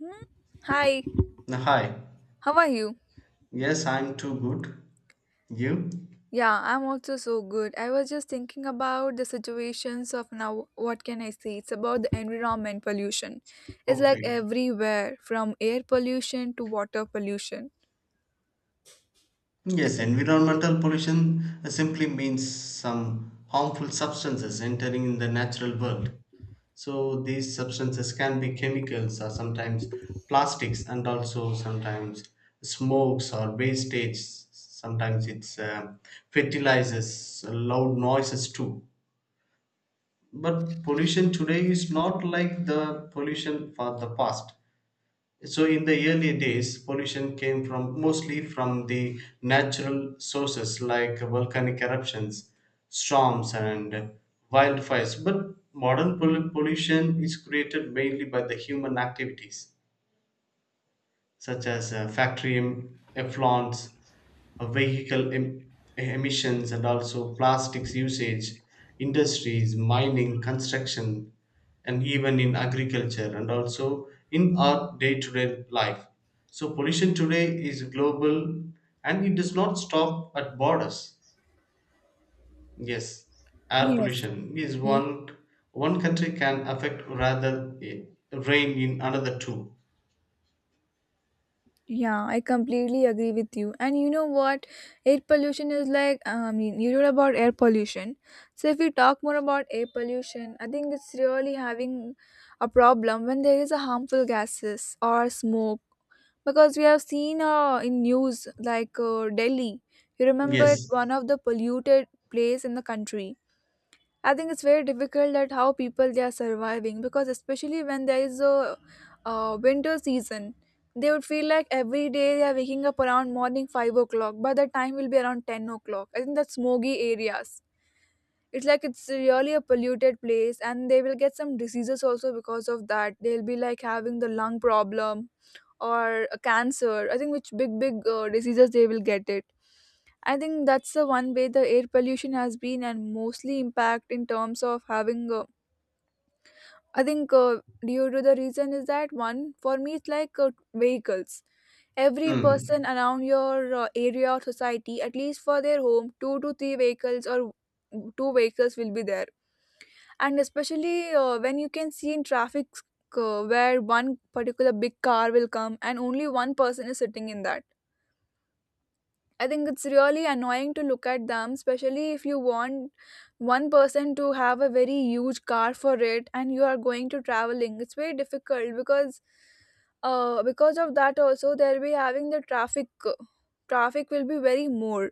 Hmm? Hi, Hi. how are you? Yes, I'm too good. You? Yeah, I'm also so good. I was just thinking about the situations of now. What can I say? It's about the environment pollution. It's like Okay. everywhere from air pollution to water pollution. Like, Yes, environmental pollution simply means some harmful substances entering in the natural world. So these substances can be chemicals or sometimes plastics and also sometimes smokes or wastage. Sometimes it's fertilizers, loud noises too. But pollution today is not like the pollution for the past. So in the early days, pollution came from mostly from the natural sources like volcanic eruptions, storms, and wildfires. But modern pollution is created mainly by the human activities such as factory effluents, vehicle emissions, and also plastics usage, industries, mining, construction, and even in agriculture, and also in our day to day life. So, pollution today is global and it does not stop at borders. Yes, air yes. pollution is one country can affect rather rain in another two. Yeah, I completely agree with you. And you know what? Air pollution is like, I mean, you wrote about air pollution. So, if we talk more about air pollution, I think it's really having a problem when there is a harmful gases or smoke. Because we have seen in news like Delhi, you remember it's Yes. one of the polluted place in the country. I think it's very difficult that how people they are surviving because especially when there is a winter season, they would feel like every day they are waking up around morning 5 o'clock. By the time will be around 10 o'clock. I think that's smoggy areas. It's like it's really a polluted place, and they will get some diseases also because of that. They'll be like having the lung problem or a cancer. I think which big diseases they will get it. I think that's the one way the air pollution has been and mostly impact in terms of having a I think due to the reason is that one for me it's like vehicles. Every person Mm. around your area or society, at least for their home, two to three vehicles or two vehicles will be there. And especially when you can see in traffic where one particular big car will come and only one person is sitting in that. I think it's really annoying to look at them, especially if you want one person to have a very huge car for it and you are going to traveling. It's very difficult because of that also they'll be having the traffic. Will be very more.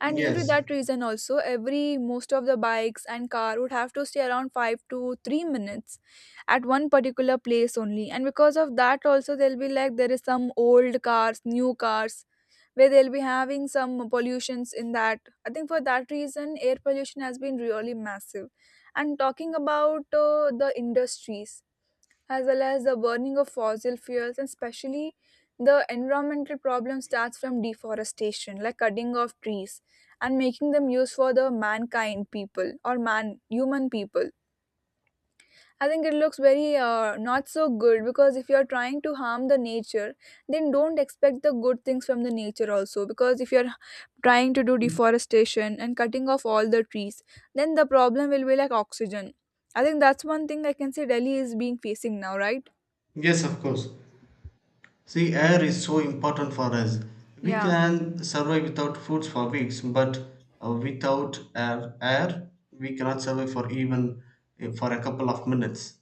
And due to Yes. that reason also every most of the bikes and car would have to stay around 5 to 3 minutes at one particular place only. And because of that also they'll be like there is some old cars, new cars where they'll be having some pollutions in that. I think for that reason air pollution has been really massive, and talking about the industries as well as the burning of fossil fuels, and especially the environmental problem starts from deforestation like cutting of trees and making them used for the mankind people or man human people. I think it looks very not so good because if you're trying to harm the nature, then don't expect the good things from the nature also. Because if you're trying to do deforestation and cutting off all the trees, then the problem will be like oxygen. I think that's one thing I can say Delhi is being facing now, right? Yes, of course. See, air is so important for us. We Yeah, can survive without foods for weeks, but without air, we cannot survive for even for a couple of minutes.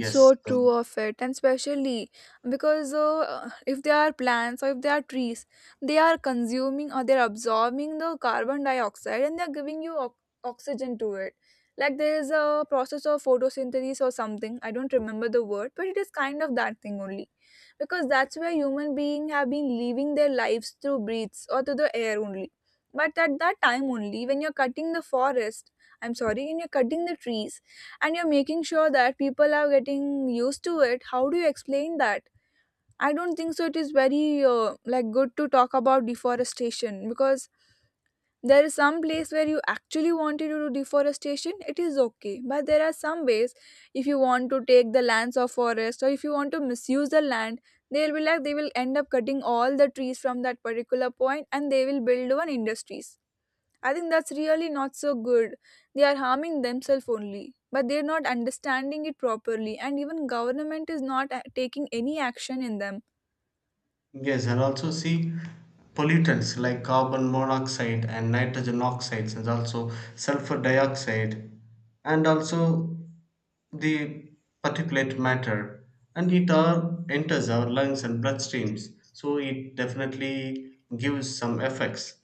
Yes. so true so- of it, and especially because if they are plants or if they are trees, they are consuming or they're absorbing the carbon dioxide, and they're giving you oxygen to it. Like there is a process of photosynthesis or something, I don't remember the word, but it is kind of that thing only, because that's where human beings have been living their lives through breaths or through the air only. But at that time only, when you're cutting the forest, I'm sorry, when you're cutting the trees, and you're making sure that people are getting used to it, how do you explain that? I don't think so it is very like good to talk about deforestation, because there is some place where you actually wanted to do deforestation, it is okay, but there are some ways if you want to take the lands of forest or if you want to misuse the land, they'll be like they will end up cutting all the trees from that particular point and they will build one industries. I think that's really not so good. They are harming themselves only, but they're not understanding it properly, and even government is not taking any action in them. Yes, and also see pollutants like carbon monoxide and nitrogen oxides, and also sulfur dioxide, and also the particulate matter and it all enters our lungs and bloodstreams, so it definitely gives some effects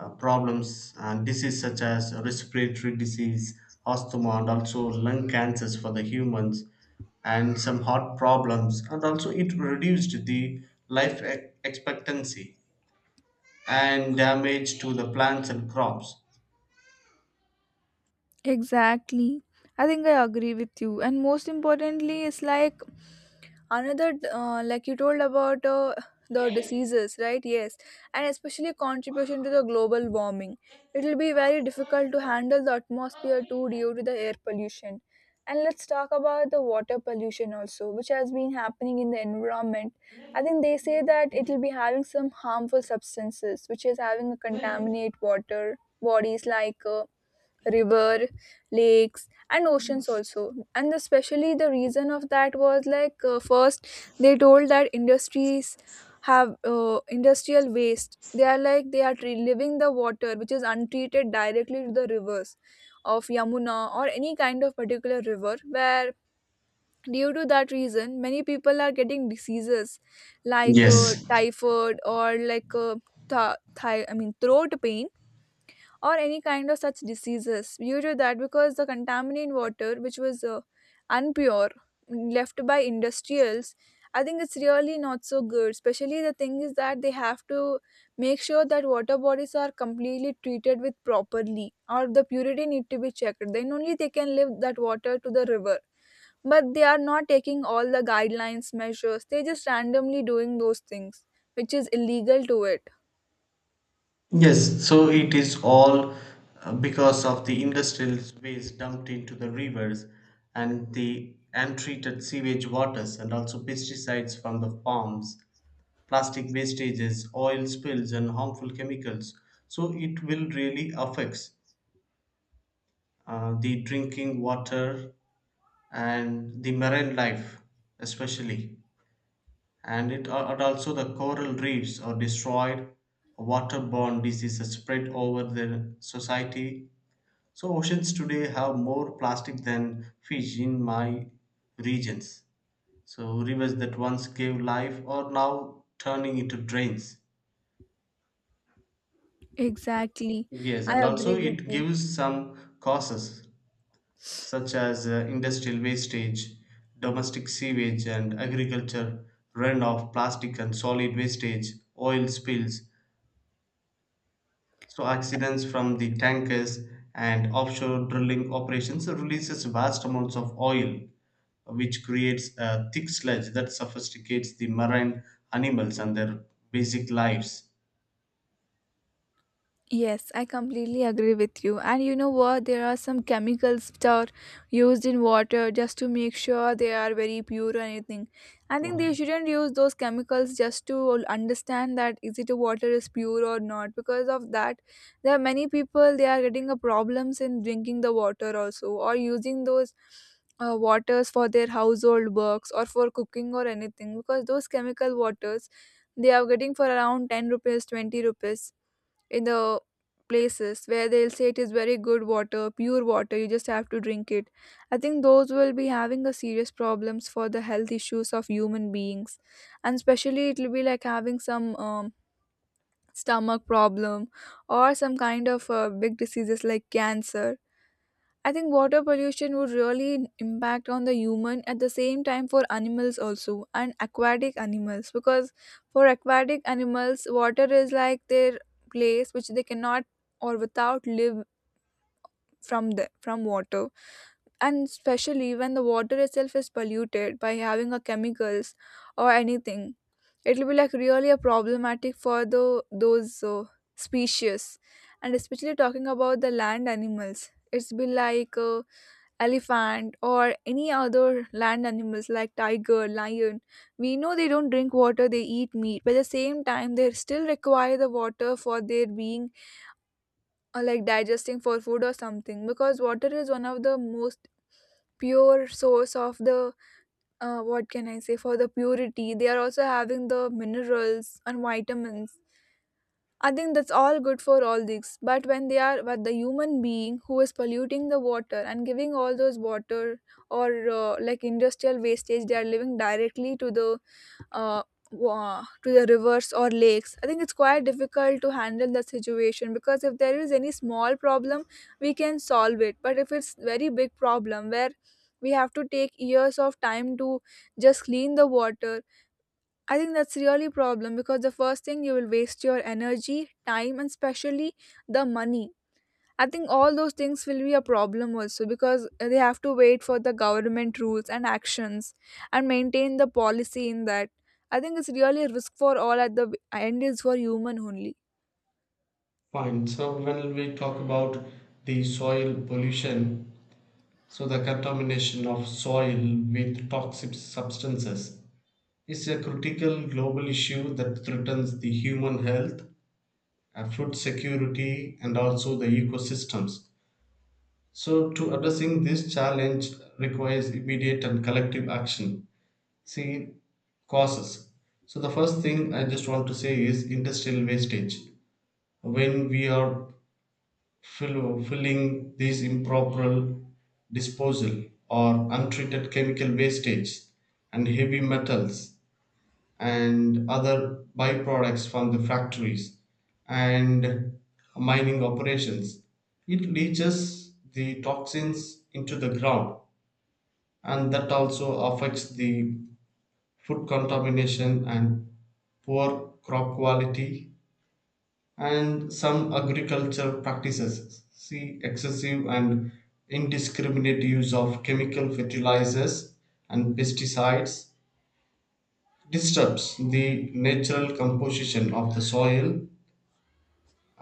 problems and disease such as respiratory disease, asthma and also lung cancers for the humans and some heart problems, and also it reduced the life expectancy and damage to the plants and crops. Exactly. I think I agree with you. And most importantly, it's like another like you told about the diseases, right? Yes. And especially contribution to the global warming, it will be very difficult to handle the atmosphere too due to the air pollution. And let's talk about the water pollution also, which has been happening in the environment. I think they say that it will be having some harmful substances which is having a contaminate water bodies like river, lakes and oceans also. And especially the reason of that was like first, they told that industries have industrial waste, they are like they are leaving the water which is untreated directly to the rivers of Yamuna or any kind of particular river, where due to that reason many people are getting diseases like Yes. typhoid or like I mean throat pain or any kind of such diseases due to that, because the contaminated water which was unpure, left by industrials. I think it's really not so good. Especially the thing is that they have to make sure that water bodies are completely treated with properly or the purity need to be checked, then only they can leave that water to the river. But they are not taking all the guidelines measures, they just randomly doing those things, which is illegal to it. Yes, so it is all because of the industrial waste dumped into the rivers and the untreated sewage waters and also pesticides from the farms, plastic wastages, oil spills and harmful chemicals. So it will really affects the drinking water and the marine life especially. And and also the coral reefs are destroyed, waterborne diseases spread over the society. So oceans today have more plastic than fish in my regions. So rivers that once gave life are now turning into drains. Exactly. Yes, I and also agree with it you. gives some causes such as industrial wastage, domestic sewage and agriculture runoff, plastic and solid wastage, oil spills. So accidents from the tankers and offshore drilling operations releases vast amounts of oil, which creates a thick sludge that sophisticates the marine animals and their basic lives. Yes, I completely agree with you. And you know what? There are some chemicals which are used in water just to make sure they are very pure or anything. I think they Okay, shouldn't use those chemicals just to understand that is it a water is pure or not. Because of that, there are many people they are getting a problems in drinking the water also, or using those waters for their household works or for cooking or anything, because those chemical waters they are getting for around 10 rupees 20 rupees in the places where they'll say it is very good water, pure water, you just have to drink it. I think those will be having a serious problems for the health issues of human beings. And especially it will be like having some stomach problem or some kind of big diseases like cancer. I think water pollution would really impact on the human, at the same time for animals also, and aquatic animals, because for aquatic animals water is like their place which they cannot, or without live from water. And especially when the water itself is polluted by having a chemicals or anything, it will be like really a problematic for the those species. And especially talking about the land animals, it's be like elephant or any other land animals like tiger, lion. We know they don't drink water, they eat meat, but at the same time they still require the water for their being, or like digesting for food or something, because water is one of the most pure source of the what can I say, for the purity they are also having the minerals and vitamins. I think that's all good for all these, but when they are, but the human being who is polluting the water and giving all those water or like industrial wastage, they are living directly to the uh, to the rivers or lakes. I think it's quite difficult to handle the situation, because if there is any small problem, we can solve it. But if it's very big problem where we have to take years of time to just clean the water, I think that's really a problem because the first thing you will waste your energy, time, and especially the money. I think all those things will be a problem also because they have to wait for the government rules and actions and maintain the policy in that. I think it's really a risk for all, at the end is for human only. fine. So when we talk about the soil pollution, so the contamination of soil with toxic substances is a critical global issue that threatens the human health, food security, and also the ecosystems. So, to addressing this challenge requires immediate and collective action. See causes. So, the first thing I just want to say is industrial wastage. When we are filling this improper disposal or untreated chemical wastage and heavy metals and other byproducts from the factories and mining operations. It leaches the toxins into the ground, and that also affects the food contamination and poor crop quality and some agricultural practices. See excessive and indiscriminate use of chemical fertilizers and pesticides disturbs the natural composition of the soil,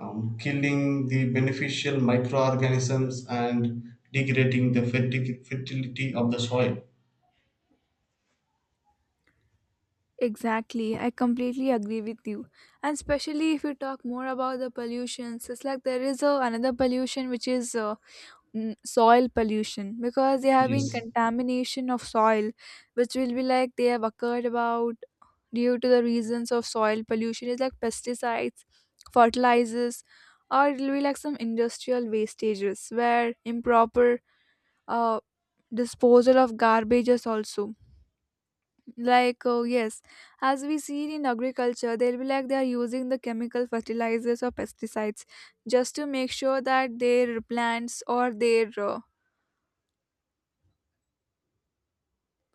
killing the beneficial microorganisms and degrading the fertility of the soil. Exactly, I completely agree with you. And especially if you talk more about the pollutions, it's like there is another pollution which is soil pollution, because there have been Yes. contamination of soil, which will be like they have occurred about due to the reasons of soil pollution is like pesticides, fertilizers, or it will be like some industrial wastages where improper uh, disposal of garbages also. Like, oh, yes, as we see in agriculture, they'll be like they are using the chemical fertilizers or pesticides just to make sure that their plants or their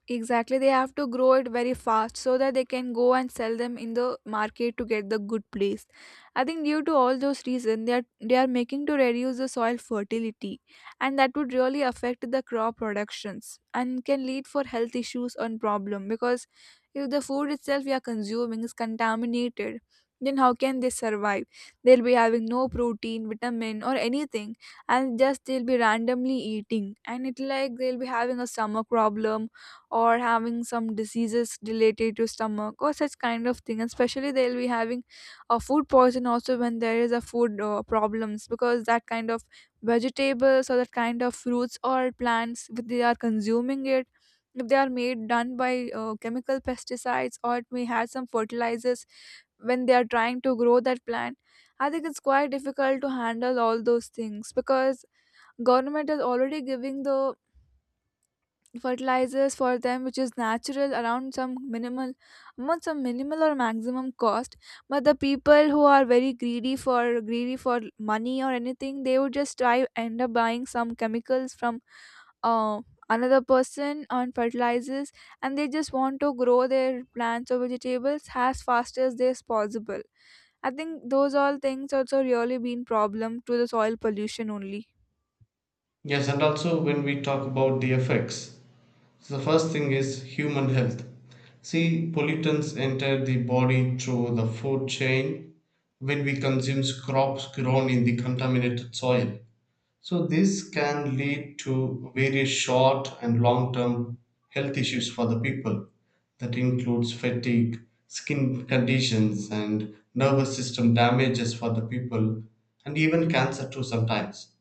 exactly, they have to grow it very fast so that they can go and sell them in the market to get the good place. I think due to all those reasons, they are making to reduce the soil fertility, and that would really affect the crop productions and can lead for health issues and problem because if the food itself we are consuming is contaminated, then how can they survive? They'll be having no protein, vitamin, or anything, and just they'll be randomly eating, and it like they'll be having a stomach problem or having some diseases related to stomach or such kind of thing. And especially they'll be having a food poison also when there is a food problems because that kind of vegetables or that kind of fruits or plants if they are consuming it, if they are made done by chemical pesticides or it may have some fertilizers when they are trying to grow that plant. I think it's quite difficult to handle all those things because government is already giving the fertilizers for them which is natural around some minimal amount, some minimal or maximum cost, but the people who are very greedy for money or anything they would just try end up buying some chemicals from uh, another person on fertilizers, and they just want to grow their plants or vegetables as fast as they as possible. I think those all things also really been problem to the soil pollution only. Yes, and also when we talk about the effects, so the first thing is human health. See, pollutants enter the body through the food chain when we consume crops grown in the contaminated soil. So this can lead to various short and long-term health issues for the people that includes fatigue, skin conditions and nervous system damages for the people and even cancer too sometimes.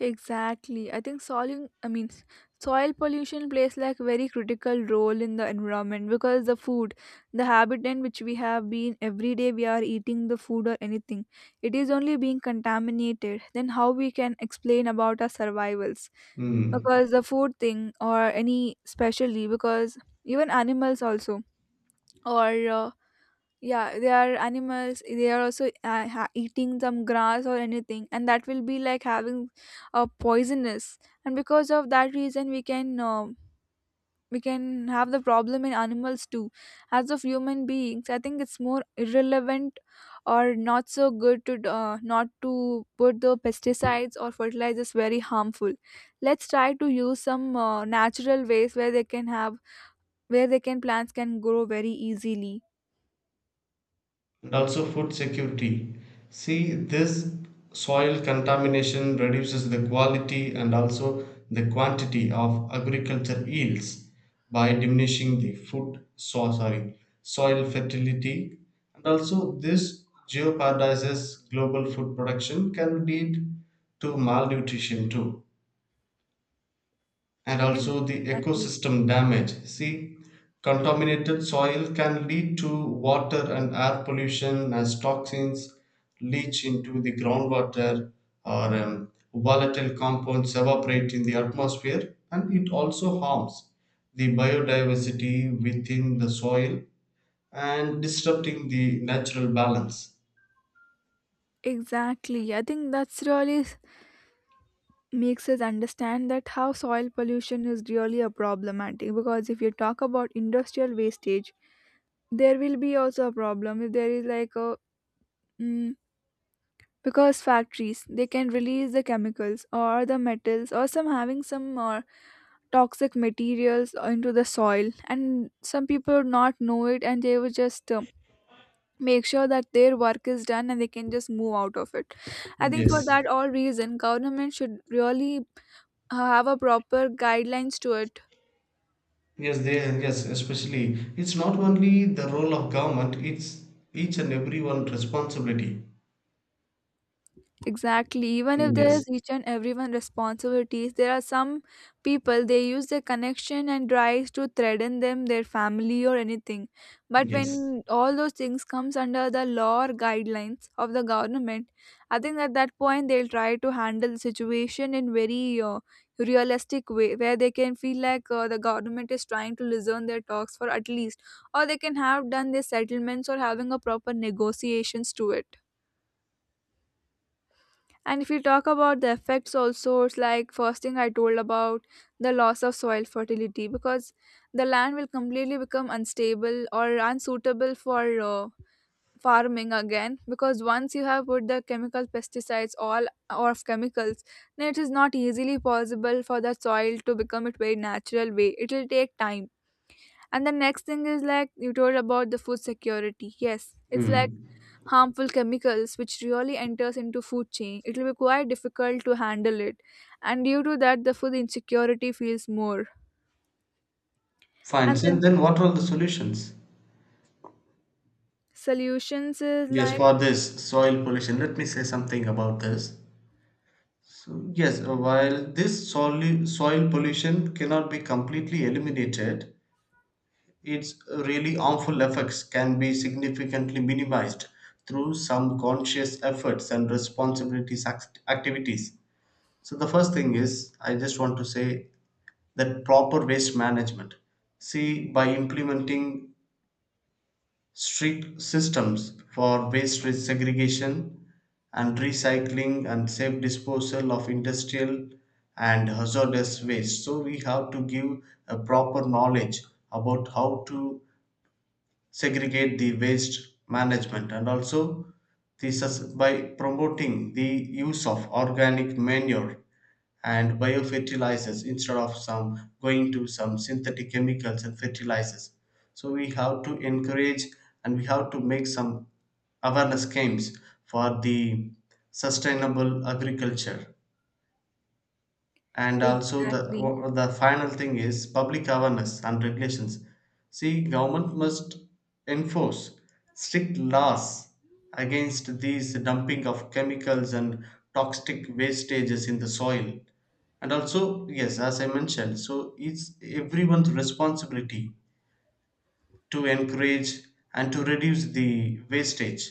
Exactly. I think soiling, I mean soil pollution plays like very critical role in the environment because the food, the habitat which we have been every day we are eating the food or anything, it is only being contaminated. Then how we can explain about our survivals? Hmm. Because the food thing or any specially because even animals also or yeah they are animals, they are also eating some grass or anything and that will be like having a poisonous, and because of that reason we can have the problem in animals too as of human beings. I think it's more irrelevant or not so good to not to put the pesticides or fertilizers very harmful. Let's try to use some natural ways where they can have, where they can plants can grow very easily. And also food security. See, this soil contamination reduces the quality and also the quantity of agriculture yields by diminishing the food, so sorry, soil fertility, and also this jeopardizes global food production, can lead to malnutrition too. And also the Exactly ecosystem damage. See, contaminated soil can lead to water and air pollution as toxins leach into the groundwater or volatile compounds evaporate in the atmosphere, and it also harms the biodiversity within the soil and disrupting the natural balance. Exactly. I think that's really makes us understand that how soil pollution is really a problematic because if you talk about industrial wastage, there will be also a problem if there is like a mm, because factories they can release the chemicals or the metals or some having some toxic materials into the soil, and some people would not know it and they would just make sure that their work is done and they can just move out of it. I think for Yes. that all reason, government should really have a proper guidelines to it. Yes, especially. It's not only the role of government, it's each and everyone responsibility. Exactly. Even if there is Yes, each and everyone responsibilities, there are some people they use their connection and tries to threaten them, their family or anything. But yes. when all those things comes under the law or guidelines of the government, I think at that point they'll try to handle the situation in very realistic way, where they can feel like the government is trying to listen their talks for at least, or they can have done their settlements or having a proper negotiations to it. And if you talk about the effects also, it's like first thing I told about the loss of soil fertility because the land will completely become unstable or unsuitable for farming again because once you have put the chemical pesticides all or of chemicals, then it is not easily possible for the soil to become it very natural way. It will take time. And the next thing is like you told about the food security. Yes, it's like Hmm. harmful chemicals which really enters into food chain, it will be quite difficult to handle it, and due to that the food insecurity feels more. Fine. And So then then what are the solutions? solutions is Yes, like, for this soil pollution, let me say something about this. So, yes, while this soil pollution cannot be completely eliminated, its really harmful effects can be significantly minimized through some conscious efforts and responsibilities activities. So the first thing is, I just want to say that proper waste management. See, by implementing strict systems for waste segregation and recycling and safe disposal of industrial and hazardous waste. So we have to give a proper knowledge about how to segregate the waste management, and also the by promoting the use of organic manure and biofertilizers instead of some going to some synthetic chemicals and fertilizers. So we have to encourage and we have to make some awareness games for the sustainable agriculture. And also the exactly. The final thing is public awareness and regulations. See, government must enforce strict laws against these dumping of chemicals and toxic wastages in the soil. And also, yes, as I mentioned, so it's everyone's responsibility to encourage and to reduce the wastage.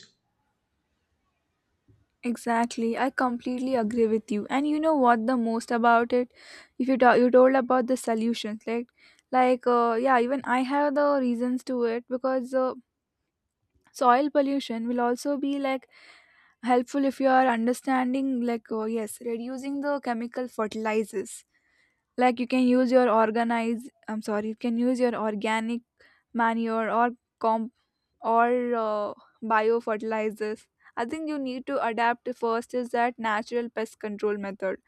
Exactly, I completely agree with you, and you know what the most about it, if you talk you told about the solutions like yeah even I have the reasons to it because soil pollution will also be like helpful if you are understanding like yes reducing the chemical fertilizers, like you can use your organize, I'm sorry, you can use your organic manure or comp or uh, bio fertilizers. I think you need to adapt first is that natural pest control method,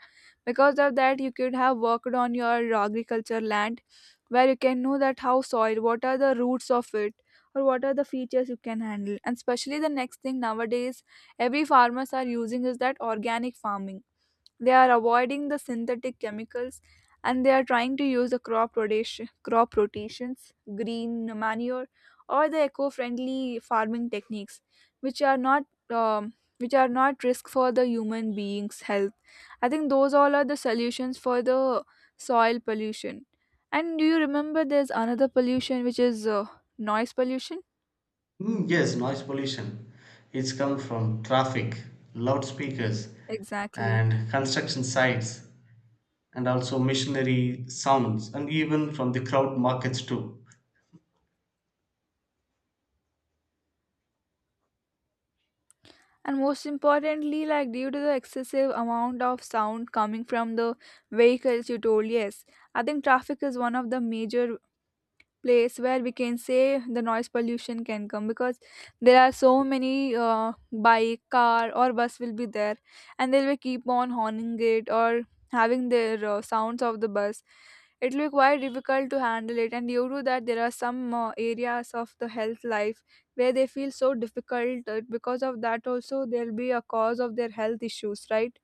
because of that you could have worked on your agriculture land where you can know that how soil, what are the roots of it or what are the features you can handle, and especially the next thing nowadays every farmers are using is that organic farming. They are avoiding the synthetic chemicals, and they are trying to use the crop rotation, crop rotations, green manure, or the eco-friendly farming techniques, which are not um, which are not risk for the human beings' health. I think those all are the solutions for the soil pollution. And do you remember there's another pollution which is noise pollution? Mm, yes, noise pollution. It's come from traffic, loudspeakers, Exactly. and construction sites, and also machinery sounds, and even from the crowd markets too. And most importantly like due to the excessive amount of sound coming from the vehicles you told, yes, I think traffic is one of the major place where we can say the noise pollution can come because there are so many bike, car or bus will be there, and they will keep on horning it or having their sounds of the bus. It will be quite difficult to handle it, and due to that there are some areas of the health life where they feel so difficult because of that also there will be a cause of their health issues, right?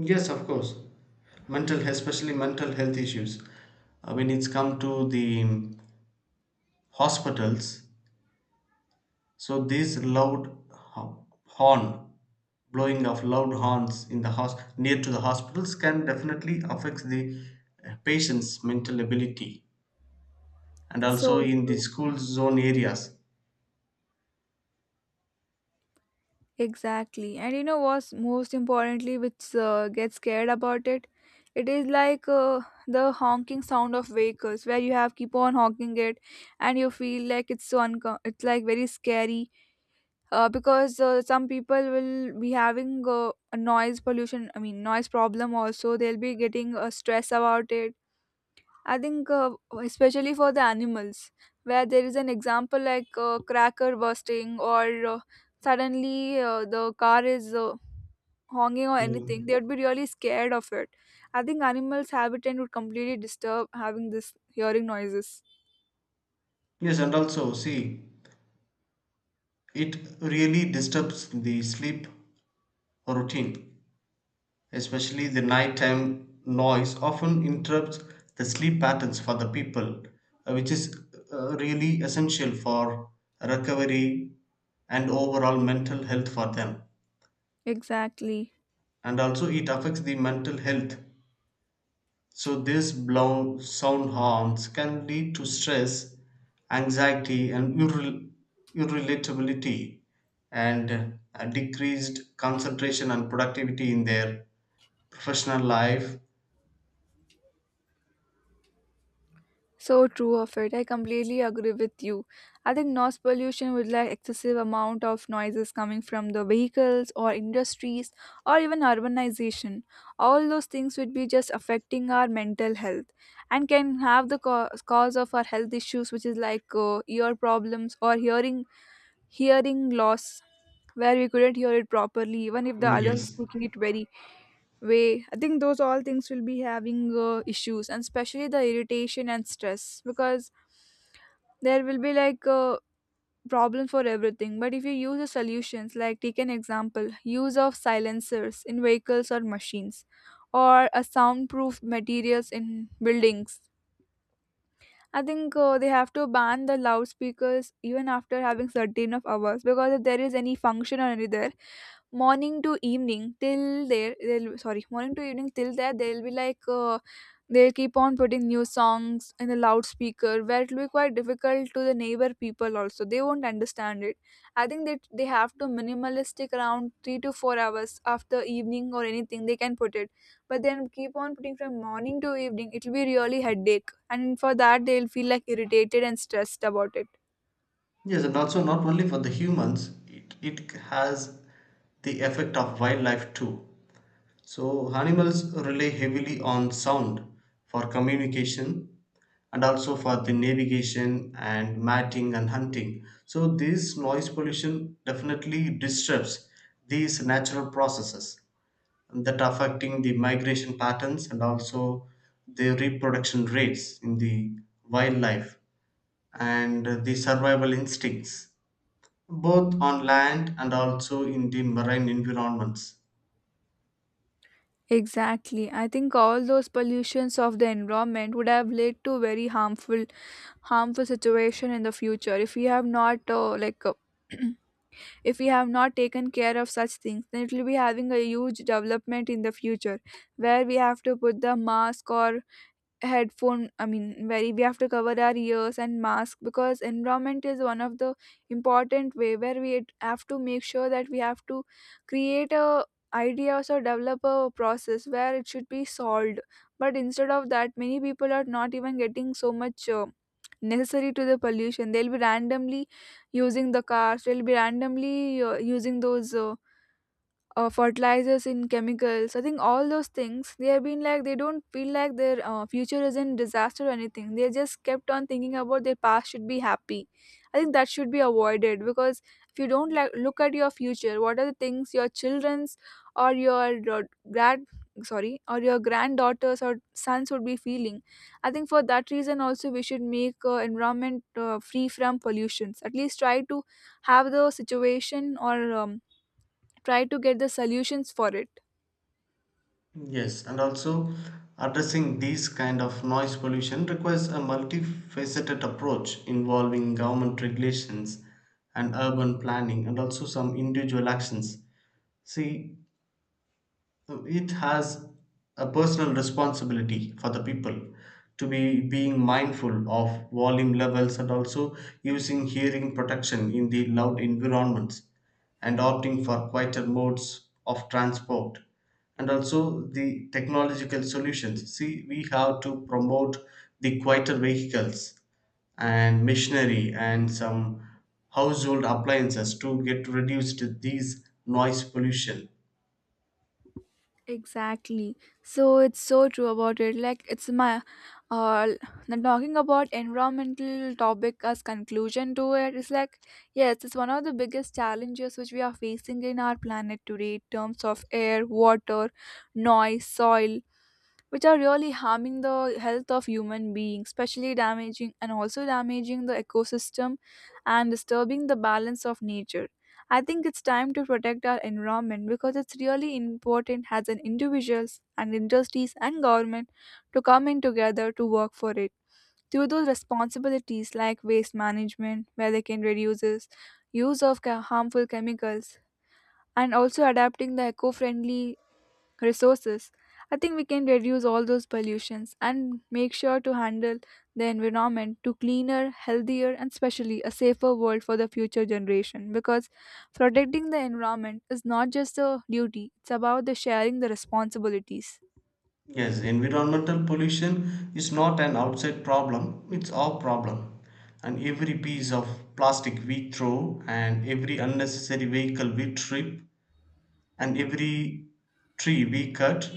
Yes, of course. Mental, especially mental health issues. When it's come to the hospitals, so this loud horn, blowing of loud horns in the house near to the hospitals can definitely affect the patient's mental ability and also So in the true. school zone areas. Exactly. And you know what's most importantly, which gets scared about it? It is like the honking sound of vehicles where you have keep on honking it, and you feel like it's so it's like very scary because some people will be having a noise pollution, I mean noise problem also. They'll be getting stress about it. I think, especially for the animals, where there is an example like cracker bursting or suddenly the car is honking or anything, Mm. they would be really scared of it. I think animals' habitat would completely disturb having this hearing noises. Yes, and also see, it really disturbs the sleep routine, especially the nighttime noise often interrupts the sleep patterns for the people, which is really essential for recovery and overall mental health for them. Exactly. And also, it affects the mental health. So these blown sound horns can lead to stress, anxiety and irritability and a decreased concentration and productivity in their professional life. So true of it. I completely agree with you. I think noise pollution with like excessive amount of noises coming from the vehicles or industries or even urbanization. All those things would be just affecting our mental health and can have the cause of our health issues, which is like ear problems or hearing loss where we couldn't hear it properly even if the Mm, other was yes. speaking it very way. I think those all things will be having issues and especially the irritation and stress because there will be like a problem for everything, but if you use the solutions like take an example, use of silencers in vehicles or machines or a soundproof materials in buildings. I think they have to ban the loudspeakers even after having certain of hours because if there is any function or any there, morning to evening till there they'll, sorry, morning to evening till there they'll be like they'll keep on putting new songs in the loudspeaker where it'll be quite difficult to the neighbor people also, they won't understand it. I think that they have to minimalistic around 3 to 4 hours after evening or anything they can put it, but then keep on putting from morning to evening it'll be really headache and for that they'll feel like irritated and stressed about it. Yes, and also not only for the humans, it has the effect of wildlife too. So animals rely heavily on sound for communication and also for the navigation and mating and hunting. So this noise pollution definitely disturbs these natural processes that are affecting the migration patterns and also the reproduction rates in the wildlife and the survival instincts both on land and also in the marine environments. Exactly. I think all those pollutions of the environment would have led to very harmful situation in the future if we have not like if we have not taken care of such things, then it will be having a huge development in the future where we have to put the mask or headphone, I mean very we have to cover our ears and mask because environment is one of the important way where we have to make sure that we have to create a ideas or so develop a process where it should be solved. But instead of that many people are not even getting so much necessary to the pollution, they'll be randomly using the cars, they'll be randomly using those fertilizers in chemicals. I think all those things they have been like, they don't feel like their future is in disaster or anything, they just kept on thinking about their past should be happy. I think that should be avoided because if you don't like look at your future, what are the things your children's or your uh, grad sorry or your granddaughters or sons would be feeling. I think for that reason also we should make environment free from pollutions, at least try to have the situation or um, try to get the solutions for it. Yes, and also addressing these kind of noise pollution requires a multifaceted approach involving government regulations and urban planning and also some individual actions. See, so it has a personal responsibility for the people to be being mindful of volume levels and also using hearing protection in the loud environments and opting for quieter modes of transport. And also the technological solutions, see we have to promote the quieter vehicles and machinery and some household appliances to get reduced these noise pollution. Exactly. So it's so true about it, like it's my uh now talking about environmental topic as conclusion to it is like, yes it's one of the biggest challenges which we are facing in our planet today in terms of air, water, noise, soil, which are really harming the health of human beings, especially damaging and also damaging the ecosystem and disturbing the balance of nature. I think it's time to protect our environment because it's really important as an individuals and industries and government to come in together to work for it. Through those responsibilities like waste management, where they can reduce use of harmful chemicals, and also adapting the eco-friendly resources, I think we can reduce all those pollutions and make sure to handle the environment to cleaner, healthier, and especially a safer world for the future generation. Because protecting the environment is not just a duty; it's about the sharing the responsibilities. Yes, environmental pollution is not an outside problem, it's our problem. And every piece of plastic we throw and every unnecessary vehicle we trip and every tree we cut,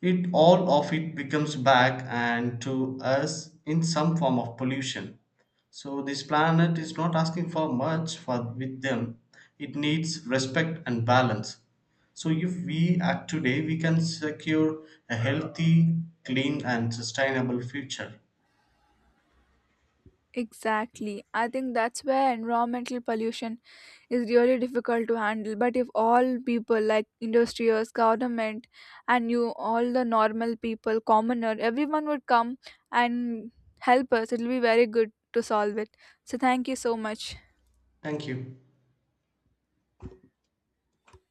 it all of it becomes back and to us in some form of pollution. So this planet is not asking for much for with them, it needs respect and balance. So if we act today we can secure a healthy, clean and sustainable future. Exactly. I think that's where environmental pollution is really difficult to handle. But if all people, like industrials, government, and you, all the normal people, commoner, everyone would come and help us, it'll be very good to solve it. So, thank you so much. Thank you.